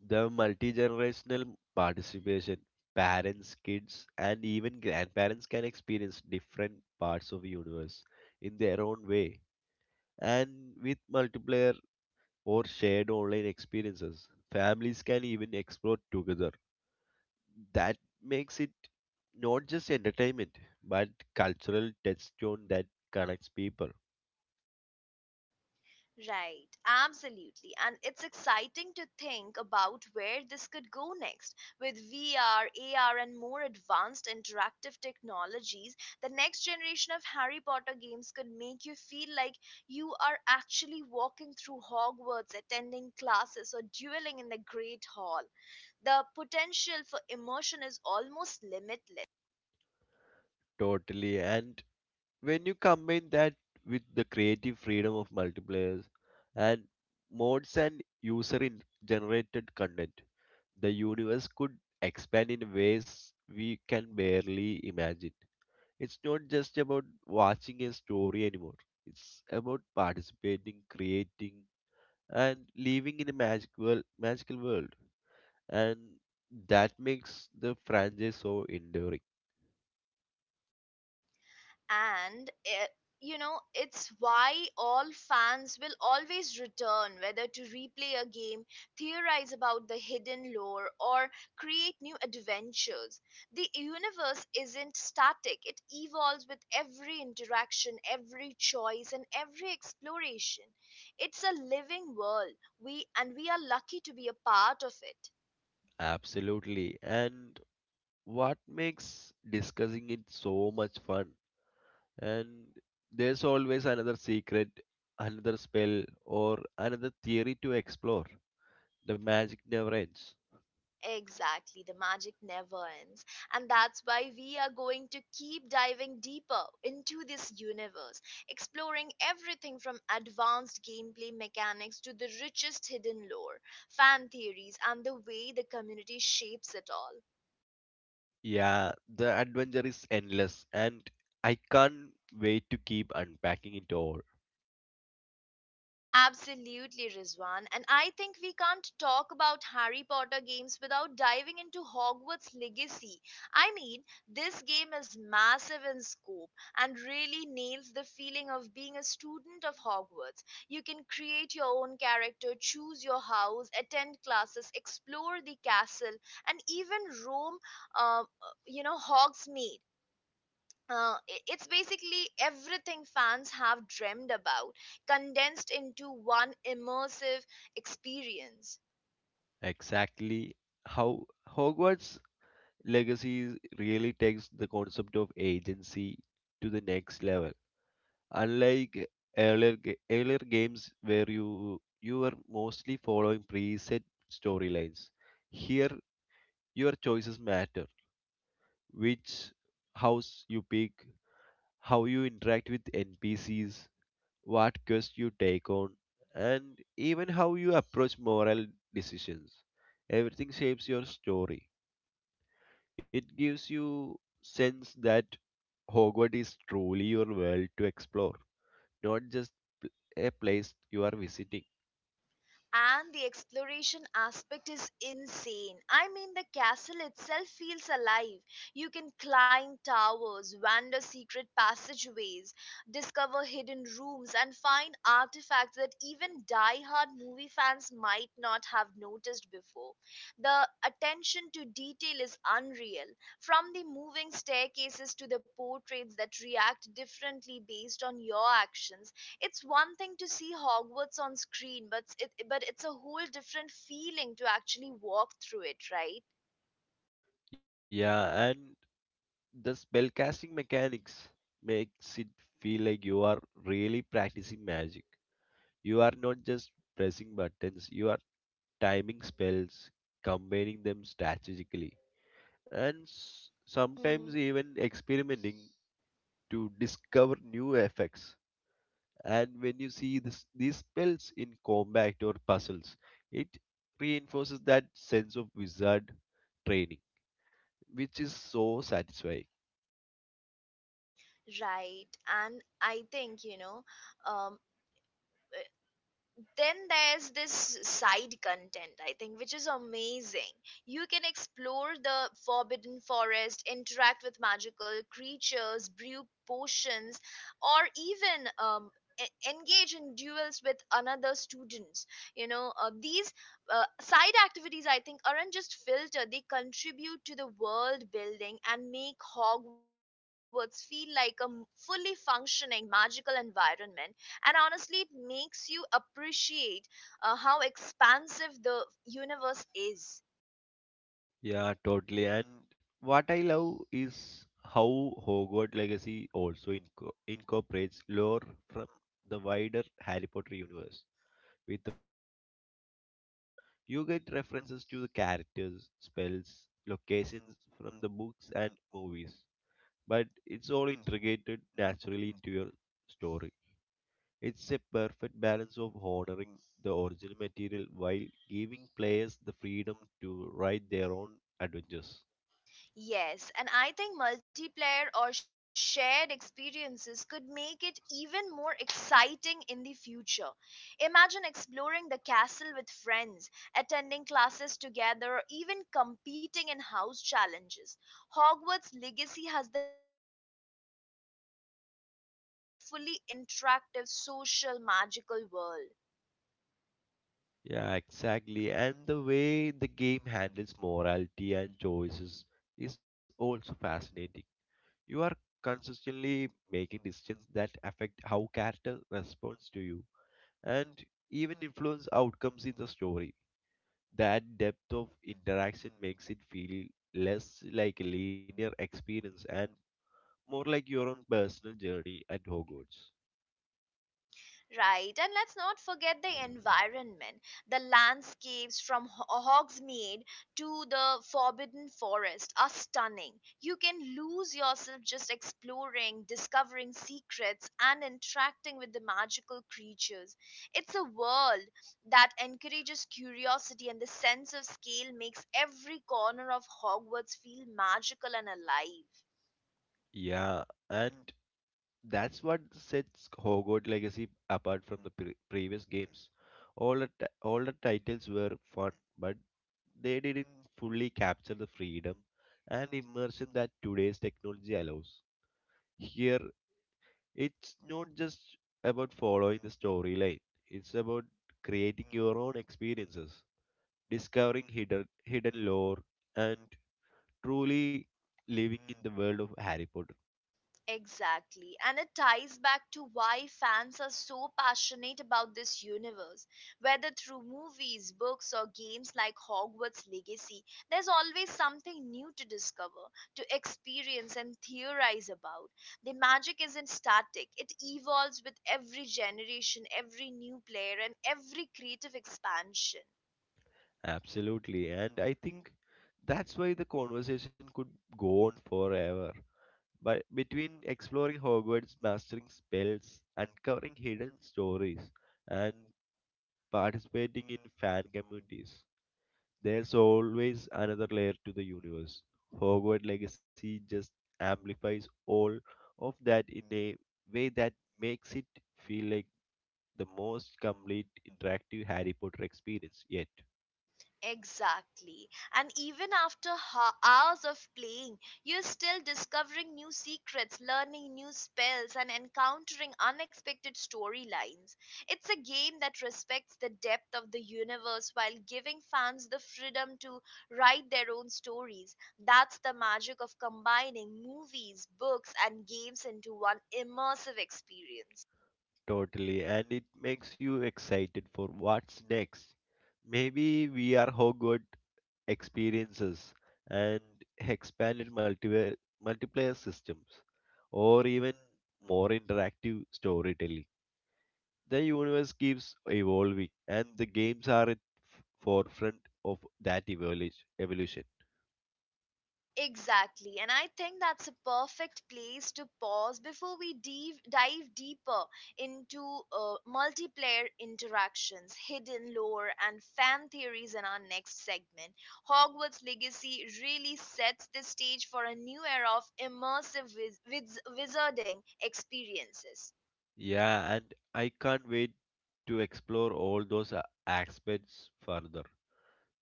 Speaker 2: the multi generational participation. Parents, kids, and even grandparents can experience different parts of the universe in their own way. And with multiplayer or shared online experiences, families can even explore together. That makes it not just entertainment, but cultural touchstone that connects people.
Speaker 1: Right, absolutely. And it's exciting to think about where this could go next. With VR, AR, and more advanced interactive technologies, the next generation of Harry Potter games could make you feel like you are actually walking through Hogwarts, attending classes, or dueling in the Great Hall. The potential for immersion is almost limitless.
Speaker 2: Totally. And when you combine that with the creative freedom of multiplayers and mods and user in generated content, the universe could expand in ways we can barely imagine. It's not just about watching a story anymore. It's about participating, creating, and living in a magical world. And that makes the franchise so enduring.
Speaker 1: and eh, you know, it's why all fans will always return, whether to replay a game, theorize about the hidden lore, or create new adventures. The universe isn't static, it evolves with every interaction, every choice, and every exploration. It's a living world, we are lucky to be a part of it.
Speaker 2: Absolutely. And what makes discussing it so much fun? And there's always another secret, another spell, or another theory to explore. The magic never ends.
Speaker 1: Exactly, the magic never ends. And that's why we are going to keep diving deeper into this universe, exploring everything from advanced gameplay mechanics to the richest hidden lore, fan theories, and the way the community shapes it all.
Speaker 2: Yeah, the adventure is endless, and I can't wait to keep unpacking it all.
Speaker 1: Absolutely, Rizwan. And I think we can't talk about Harry Potter games without diving into Hogwarts Legacy. I mean, this game is massive in scope and really nails the feeling of being a student of Hogwarts. You can create your own character, choose your house, attend classes, explore the castle, and even roam, uh, Hogsmeade. It's basically everything fans have dreamed about condensed into one immersive experience.
Speaker 2: Exactly how Hogwarts Legacy really takes the concept of agency to the next level. Unlike earlier games, where you were mostly following preset storylines, here your choices matter. Which house you pick, how you interact with NPCs, what quest you take on, and even how you approach moral decisions. Everything shapes your story. It gives you sense that Hogwarts is truly your world to explore, not just pl- a place you are visiting.
Speaker 1: And the exploration aspect is insane. I mean, the castle itself feels alive. You can climb towers, wander secret passageways, discover hidden rooms, and find artifacts that even die-hard movie fans might not have noticed before. The attention to detail is unreal, from the moving staircases to the portraits that react differently based on your actions. It's one thing to see Hogwarts on screen, but it's a whole different feeling to actually walk through it, right?
Speaker 2: Yeah, and the spellcasting mechanics makes it feel like you are really practicing magic. You are not just pressing buttons, you are timing spells, combining them strategically and sometimes
Speaker 1: Hmm.
Speaker 2: even experimenting to discover new effects. And when you see these spells in combat or puzzles, it reinforces that sense of wizard training, which is so satisfying.
Speaker 1: Right. And I think, um, then there's this side content, I think, which is amazing. You can explore the Forbidden Forest, interact with magical creatures, brew potions, or even engage in duels with another students. These side activities, I think, aren't just filter. They contribute to the world building and make Hogwarts feel like a fully functioning magical environment. And honestly, it makes you appreciate how expansive the universe is.
Speaker 2: Yeah, totally. And what I love is how Hogwarts Legacy also incorporates lore from the wider Harry Potter universe without feeling forced. You get references to the characters, spells, locations from the books and movies, but it's all integrated naturally into your story. It's a perfect balance of honoring the original material while giving players the freedom to write their own adventures.
Speaker 1: Yes, and I think multiplayer or shared experiences could make it even more exciting in the future. Imagine exploring the castle with friends, attending classes together, or even competing in house challenges. Hogwarts Legacy has the potential to become not just a game but a fully interactive social magical world.
Speaker 2: Yeah, exactly. And the way the game handles morality and choices is also fascinating. You are consistently making decisions that affect how character responds to you and even influence outcomes in the story. That depth of interaction makes it feel less like a linear experience and more like your own personal journey at Hogwarts.
Speaker 1: Right, and let's not forget the environment, the landscapes from Hogsmeade to the Forbidden Forest are stunning. You can lose yourself just exploring, discovering secrets, and interacting with the magical creatures. It's a world that encourages curiosity, and the sense of scale makes every corner of Hogwarts feel magical and alive.
Speaker 2: Yeah, and that's what sets Hogwarts Legacy apart from the previous games. All the titles were fun, but they didn't fully capture the freedom and immersion that today's technology allows. Here it's not just about following the storyline, it's about creating your own experiences, discovering hidden lore, and truly living in the world of Harry Potter.
Speaker 1: Exactly. And it ties back to why fans are so passionate about this universe. Whether through movies, books, or games like Hogwarts Legacy, there's always something new to discover, to experience, and theorize about. The magic isn't static, it evolves with every generation, every new player, and every creative expansion.
Speaker 2: Absolutely, and I think that's why the conversation could go on forever. But between exploring Hogwarts, mastering spells, uncovering hidden stories, and participating in fan communities, there's always another layer to the universe. Hogwarts Legacy just amplifies all of that in a way that makes it feel like the most complete interactive Harry Potter experience yet.
Speaker 1: Exactly. And even after hours of playing, you're still discovering new secrets, learning new spells, and encountering unexpected storylines. It's a game that respects the depth of the universe while giving fans the freedom to write their own stories. That's the magic of combining movies, books, and games into one immersive experience.
Speaker 2: Totally, and it makes you excited for what's next. Maybe we are Hogwarts experiences and expanded multiplayer systems, or even more interactive storytelling. The universe keeps evolving, and the games are at forefront of that evolution.
Speaker 1: Exactly. And I think that's a perfect place to pause before we dive deeper into multiplayer interactions, hidden lore, and fan theories in our next segment. Hogwarts Legacy really sets the stage for a new era of immersive wizarding experiences.
Speaker 2: Yeah, and I can't wait to explore all those aspects further.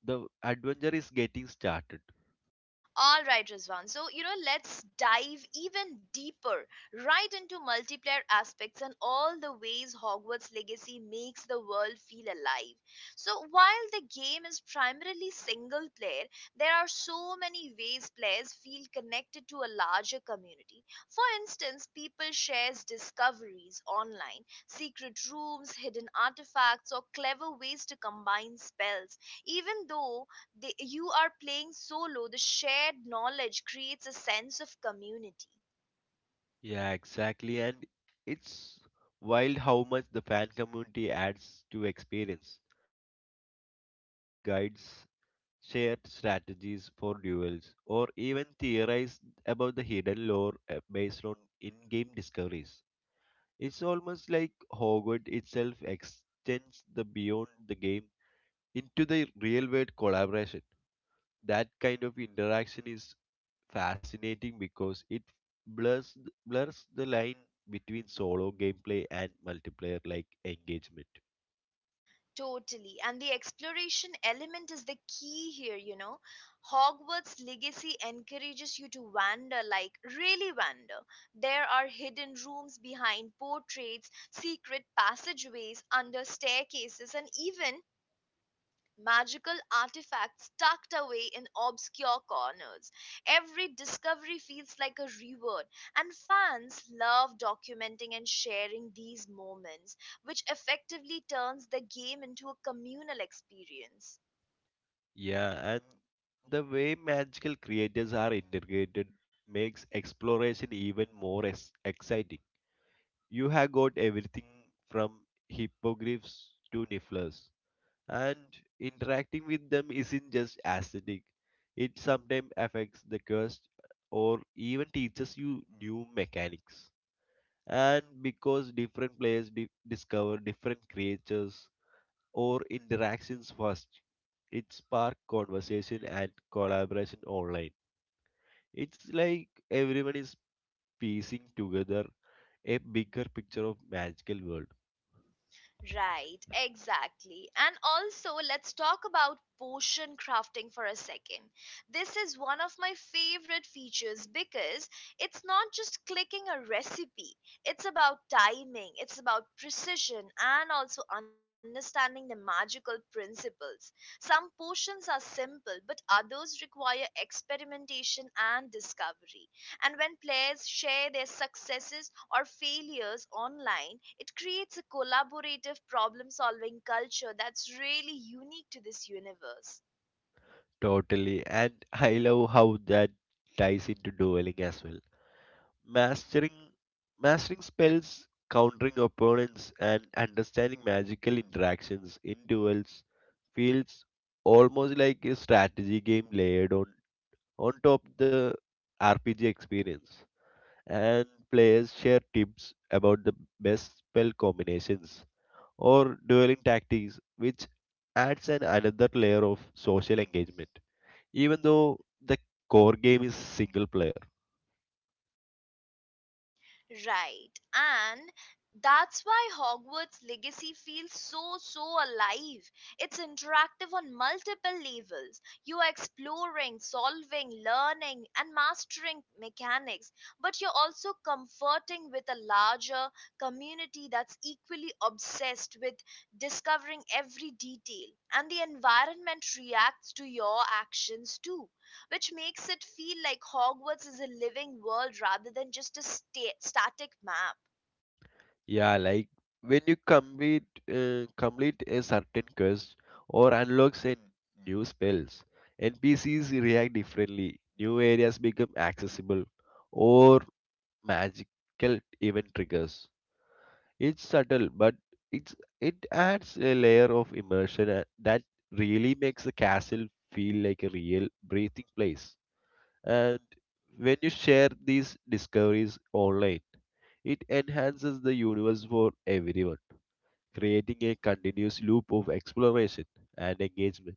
Speaker 2: The adventure is getting started.
Speaker 1: All right, Rizwan. So, you know, let's dive even deeper right into multiplayer aspects and all the ways Hogwarts Legacy makes the world feel alive. So, while the game is primarily single player, there are so many ways players feel connected to a larger community. For instance, people shares discoveries online, secret rooms, hidden artifacts, or clever ways to combine spells. Even though you are playing solo, the shared knowledge creates a sense of community.
Speaker 2: Yeah, exactly, and it's wild how much the fan community adds to experience. People create guides, shared strategies for duels, or even theorize about the hidden lore based on in game discoveries. It's almost like Hogwarts itself extends the beyond the game into the real world collaboration. That kind of interaction is fascinating because it blurs blurs the line between solo gameplay and multiplayer like engagement.
Speaker 1: Totally, and the exploration element is the key here. You know, Hogwarts Legacy encourages you to wander, like really wander. There are hidden rooms behind portraits, secret passageways under staircases, and even magical artifacts tucked away in obscure corners. Every discovery feels like a reward, and fans love documenting and sharing these moments, which effectively turns the game into a communal experience.
Speaker 2: Yeah, and the way magical creatures are integrated makes exploration even more exciting. You have got everything from hippogriffs to nifflers, and interacting with them isn't just aesthetic, it sometimes affects the quest or even teaches you new mechanics. And because different players discover different creatures, or interactions first. It sparked conversation and collaboration online. It's like everyone is piecing together a bigger picture of magical world.
Speaker 1: Right, exactly. And also, let's talk about potion crafting for a second. This is one of my favorite features because it's not just clicking a recipe, it's about timing, it's about precision, and also understanding the magical principles. Some potions are simple, but others require experimentation and discovery. And when players share their successes or failures online, it creates a collaborative problem solving culture that's really unique to this universe.
Speaker 2: Totally, and I love how that ties into dueling as well. Mastering Mastering spells, countering opponents, and understanding magical interactions in duels feels almost like a strategy game layered on top the RPG experience, and players share tips about the best spell combinations or dueling tactics, which adds an another layer of social engagement, even though the core game is single player.
Speaker 1: Right. And that's why Hogwarts Legacy feels so, so alive. It's interactive on multiple levels. You are exploring, solving, learning, and mastering mechanics, but you're also comforting with a larger community that's equally obsessed with discovering every detail. And the environment reacts to your actions too, which makes it feel like Hogwarts is a living world rather than just a static map.
Speaker 2: Yeah, like when you complete a certain quest or unlocks a new spells, NPCs react differently, new areas become accessible, or magical event triggers. It's subtle, but it adds a layer of immersion that really makes the castle feel like a real breathing place. And when you share these discoveries online, it enhances the universe for everyone, creating a continuous loop of exploration and engagement.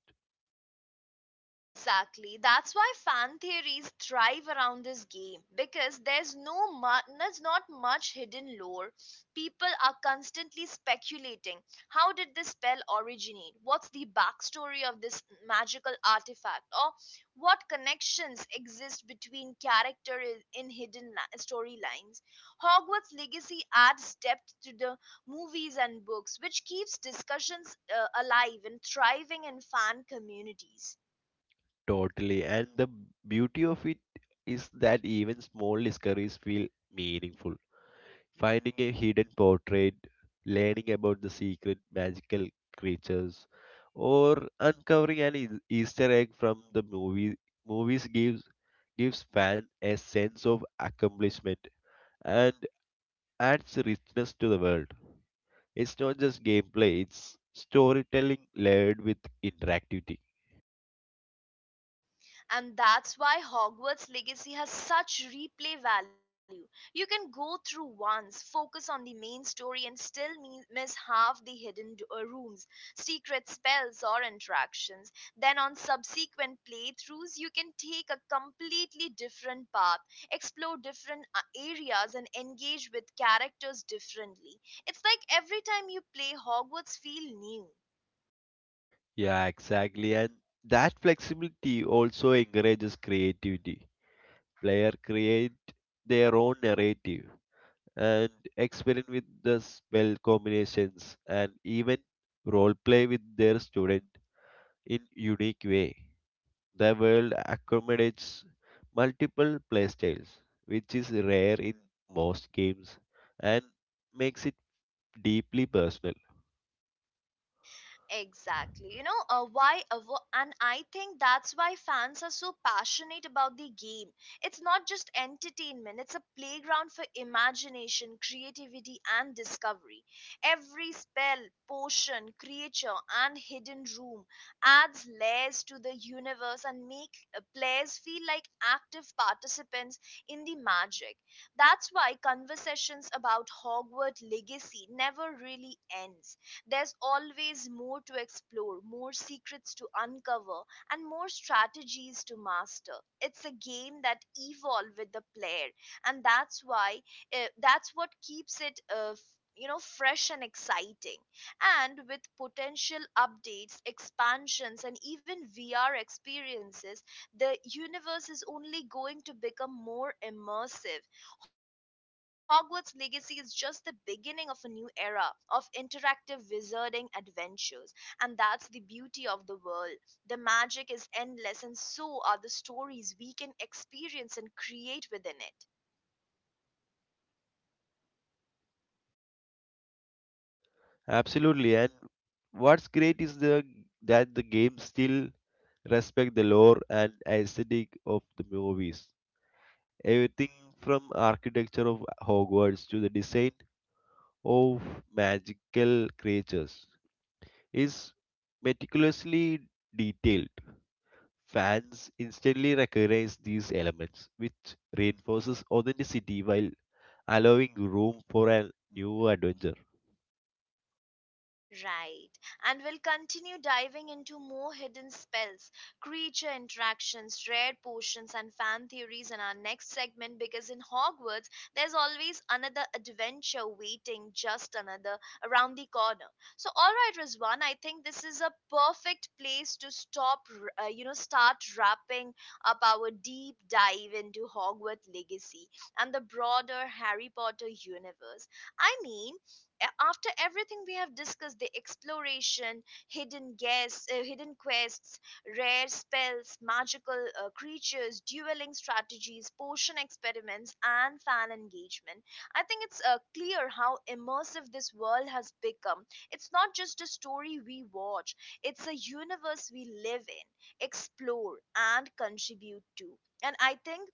Speaker 1: Exactly. That's why fan theories thrive around this game, because there's no mu- there's not much hidden lore. People are constantly speculating. How did this spell originate? What's the backstory of this magical artifact? Or what connections exist between in hidden storylines? Hogwarts Legacy adds depth to the movies and books, which keeps discussions alive and thriving in fan communities.
Speaker 2: Totally, and the beauty of it is that even small discoveries feel meaningful, finding a hidden portrait, learning about the secret magical creatures, or uncovering an Easter egg from the movies gives fan a sense of accomplishment and adds richness to the world. It's not just gameplay, it's storytelling layered with interactivity.
Speaker 1: And that's why Hogwarts Legacy has such replay value. You can go through once, focus on the main story, and still miss half the hidden rooms, secret spells, or interactions. Then, on subsequent playthroughs, you can take a completely different path, explore different areas, and engage with characters differently. It's like every time you play Hogwarts, feel new.
Speaker 2: Yeah, exactly. And that flexibility also encourages creativity. Player create their own narrative, and experiment with the spell combinations and even role play with their student in unique way. The world accommodates multiple playstyles, which is rare in most games and makes it deeply personal.
Speaker 1: Exactly. And I think that's why fans are so passionate about the game. It's not just entertainment, it's a playground for imagination, creativity, and discovery. Every spell, potion, creature, and hidden room adds layers to the universe and make players feel like active participants in the magic. That's why conversations about Hogwarts Legacy never really ends. There's always more to explore, more secrets to uncover, and more strategies to master. It's a game that evolves with the player, and that's what keeps it fresh and exciting. And with potential updates, expansions, and even VR experiences, the universe is only going to become more immersive. Hogwarts Legacy is just the beginning of a new era of interactive wizarding adventures, and that's the beauty of the world. The magic is endless, and so are the stories we can experience and create within it.
Speaker 2: Absolutely, and what's great is the that the game still respect the lore and aesthetic of the movies. Everything from architecture of Hogwarts to the design of magical creatures is meticulously detailed. Fans instantly recognize these elements, which reinforces authenticity while allowing room for a new adventure.
Speaker 1: Right. And we'll continue diving into more hidden spells, creature interactions, rare potions, and fan theories in our next segment, because in Hogwarts, there's always another adventure waiting, just another around the corner. So, all right, Rizwan, I think this is a perfect place to stop, start wrapping up our deep dive into Hogwarts Legacy and the broader Harry Potter universe. I mean, after everything we have discussed, the exploration, hidden quests, rare spells, magical creatures, dueling strategies, potion experiments, and fan engagement, I think it's clear how immersive this world has become. It's not just a story we watch, it's a universe we live in, explore, and contribute to. And I think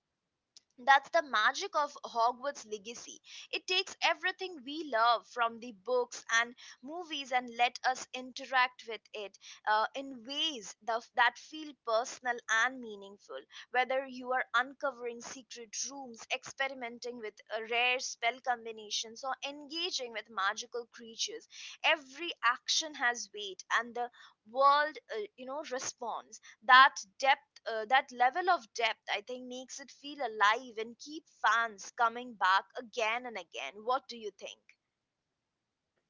Speaker 1: that's the magic of Hogwarts Legacy. It takes everything we love from the books and movies and let us interact with it in ways that feel personal and meaningful. Whether you are uncovering secret rooms, experimenting with rare spell combinations, or engaging with magical creatures, every action has weight and the world, responds. That depth, that level of depth, I think, makes it feel alive and keep fans coming back again and again. What do you think?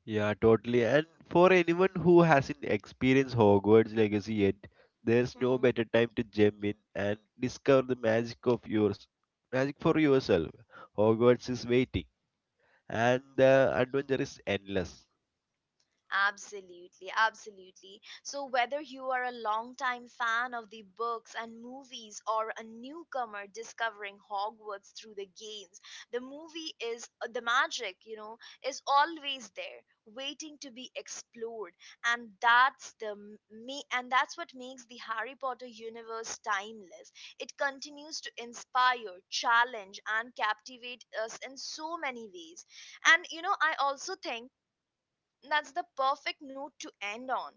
Speaker 2: Yeah, totally. And for anyone who hasn't experienced Hogwarts Legacy yet, there's no better time to jump in and discover the magic of yours, magic for yourself. Hogwarts is waiting, and the adventure is endless.
Speaker 1: Absolutely, absolutely. So, whether you are a longtime fan of the books and movies or a newcomer discovering Hogwarts through the games, the movie is the magic, you know, is always there, waiting to be explored, and that's what makes the Harry Potter universe timeless. It continues to inspire, challenge, and captivate us in so many ways. And you know, I also think that's the perfect note to end on.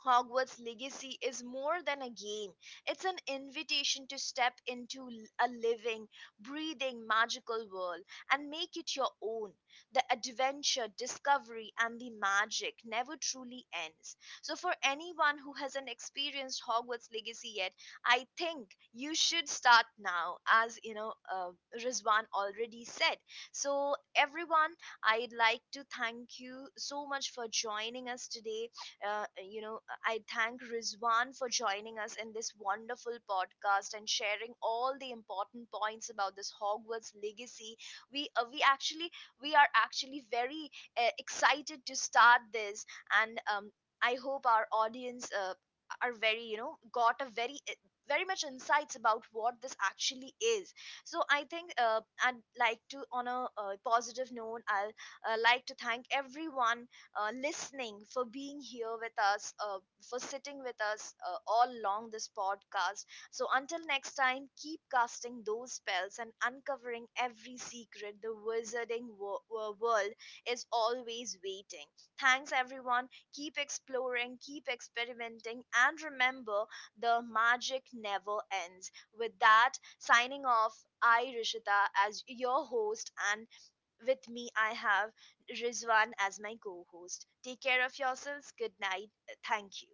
Speaker 1: Hogwarts Legacy is more than a game. It's an invitation to step a living, breathing, magical world and make it your own. The adventure, discovery, and the magic never truly ends. So, for anyone who hasn't experienced Hogwarts Legacy yet, I think you should start now, as you know, Rizwan already said. So, everyone, I'd like to thank you so much for joining us today. uh, you know I thank Rizwan for joining us in this wonderful podcast and sharing all the important points about this Hogwarts Legacy. We uh, we actually we are actually very excited to start this, and I hope our audience are very, you know, got a very much insights about what this actually is. So I think, I'd like to, on a positive note, I'll like to thank everyone listening, for being here with us, for sitting with us all along this podcast. So until next time, keep casting those spells and uncovering every secret. The wizarding world is always waiting. Thanks, everyone. Keep exploring, keep experimenting, and remember the magic never ends. With that, signing off, I, Rishita, as your host, and with me, I have Rizwan as my co host. Take care of yourselves. Good night. Thank you.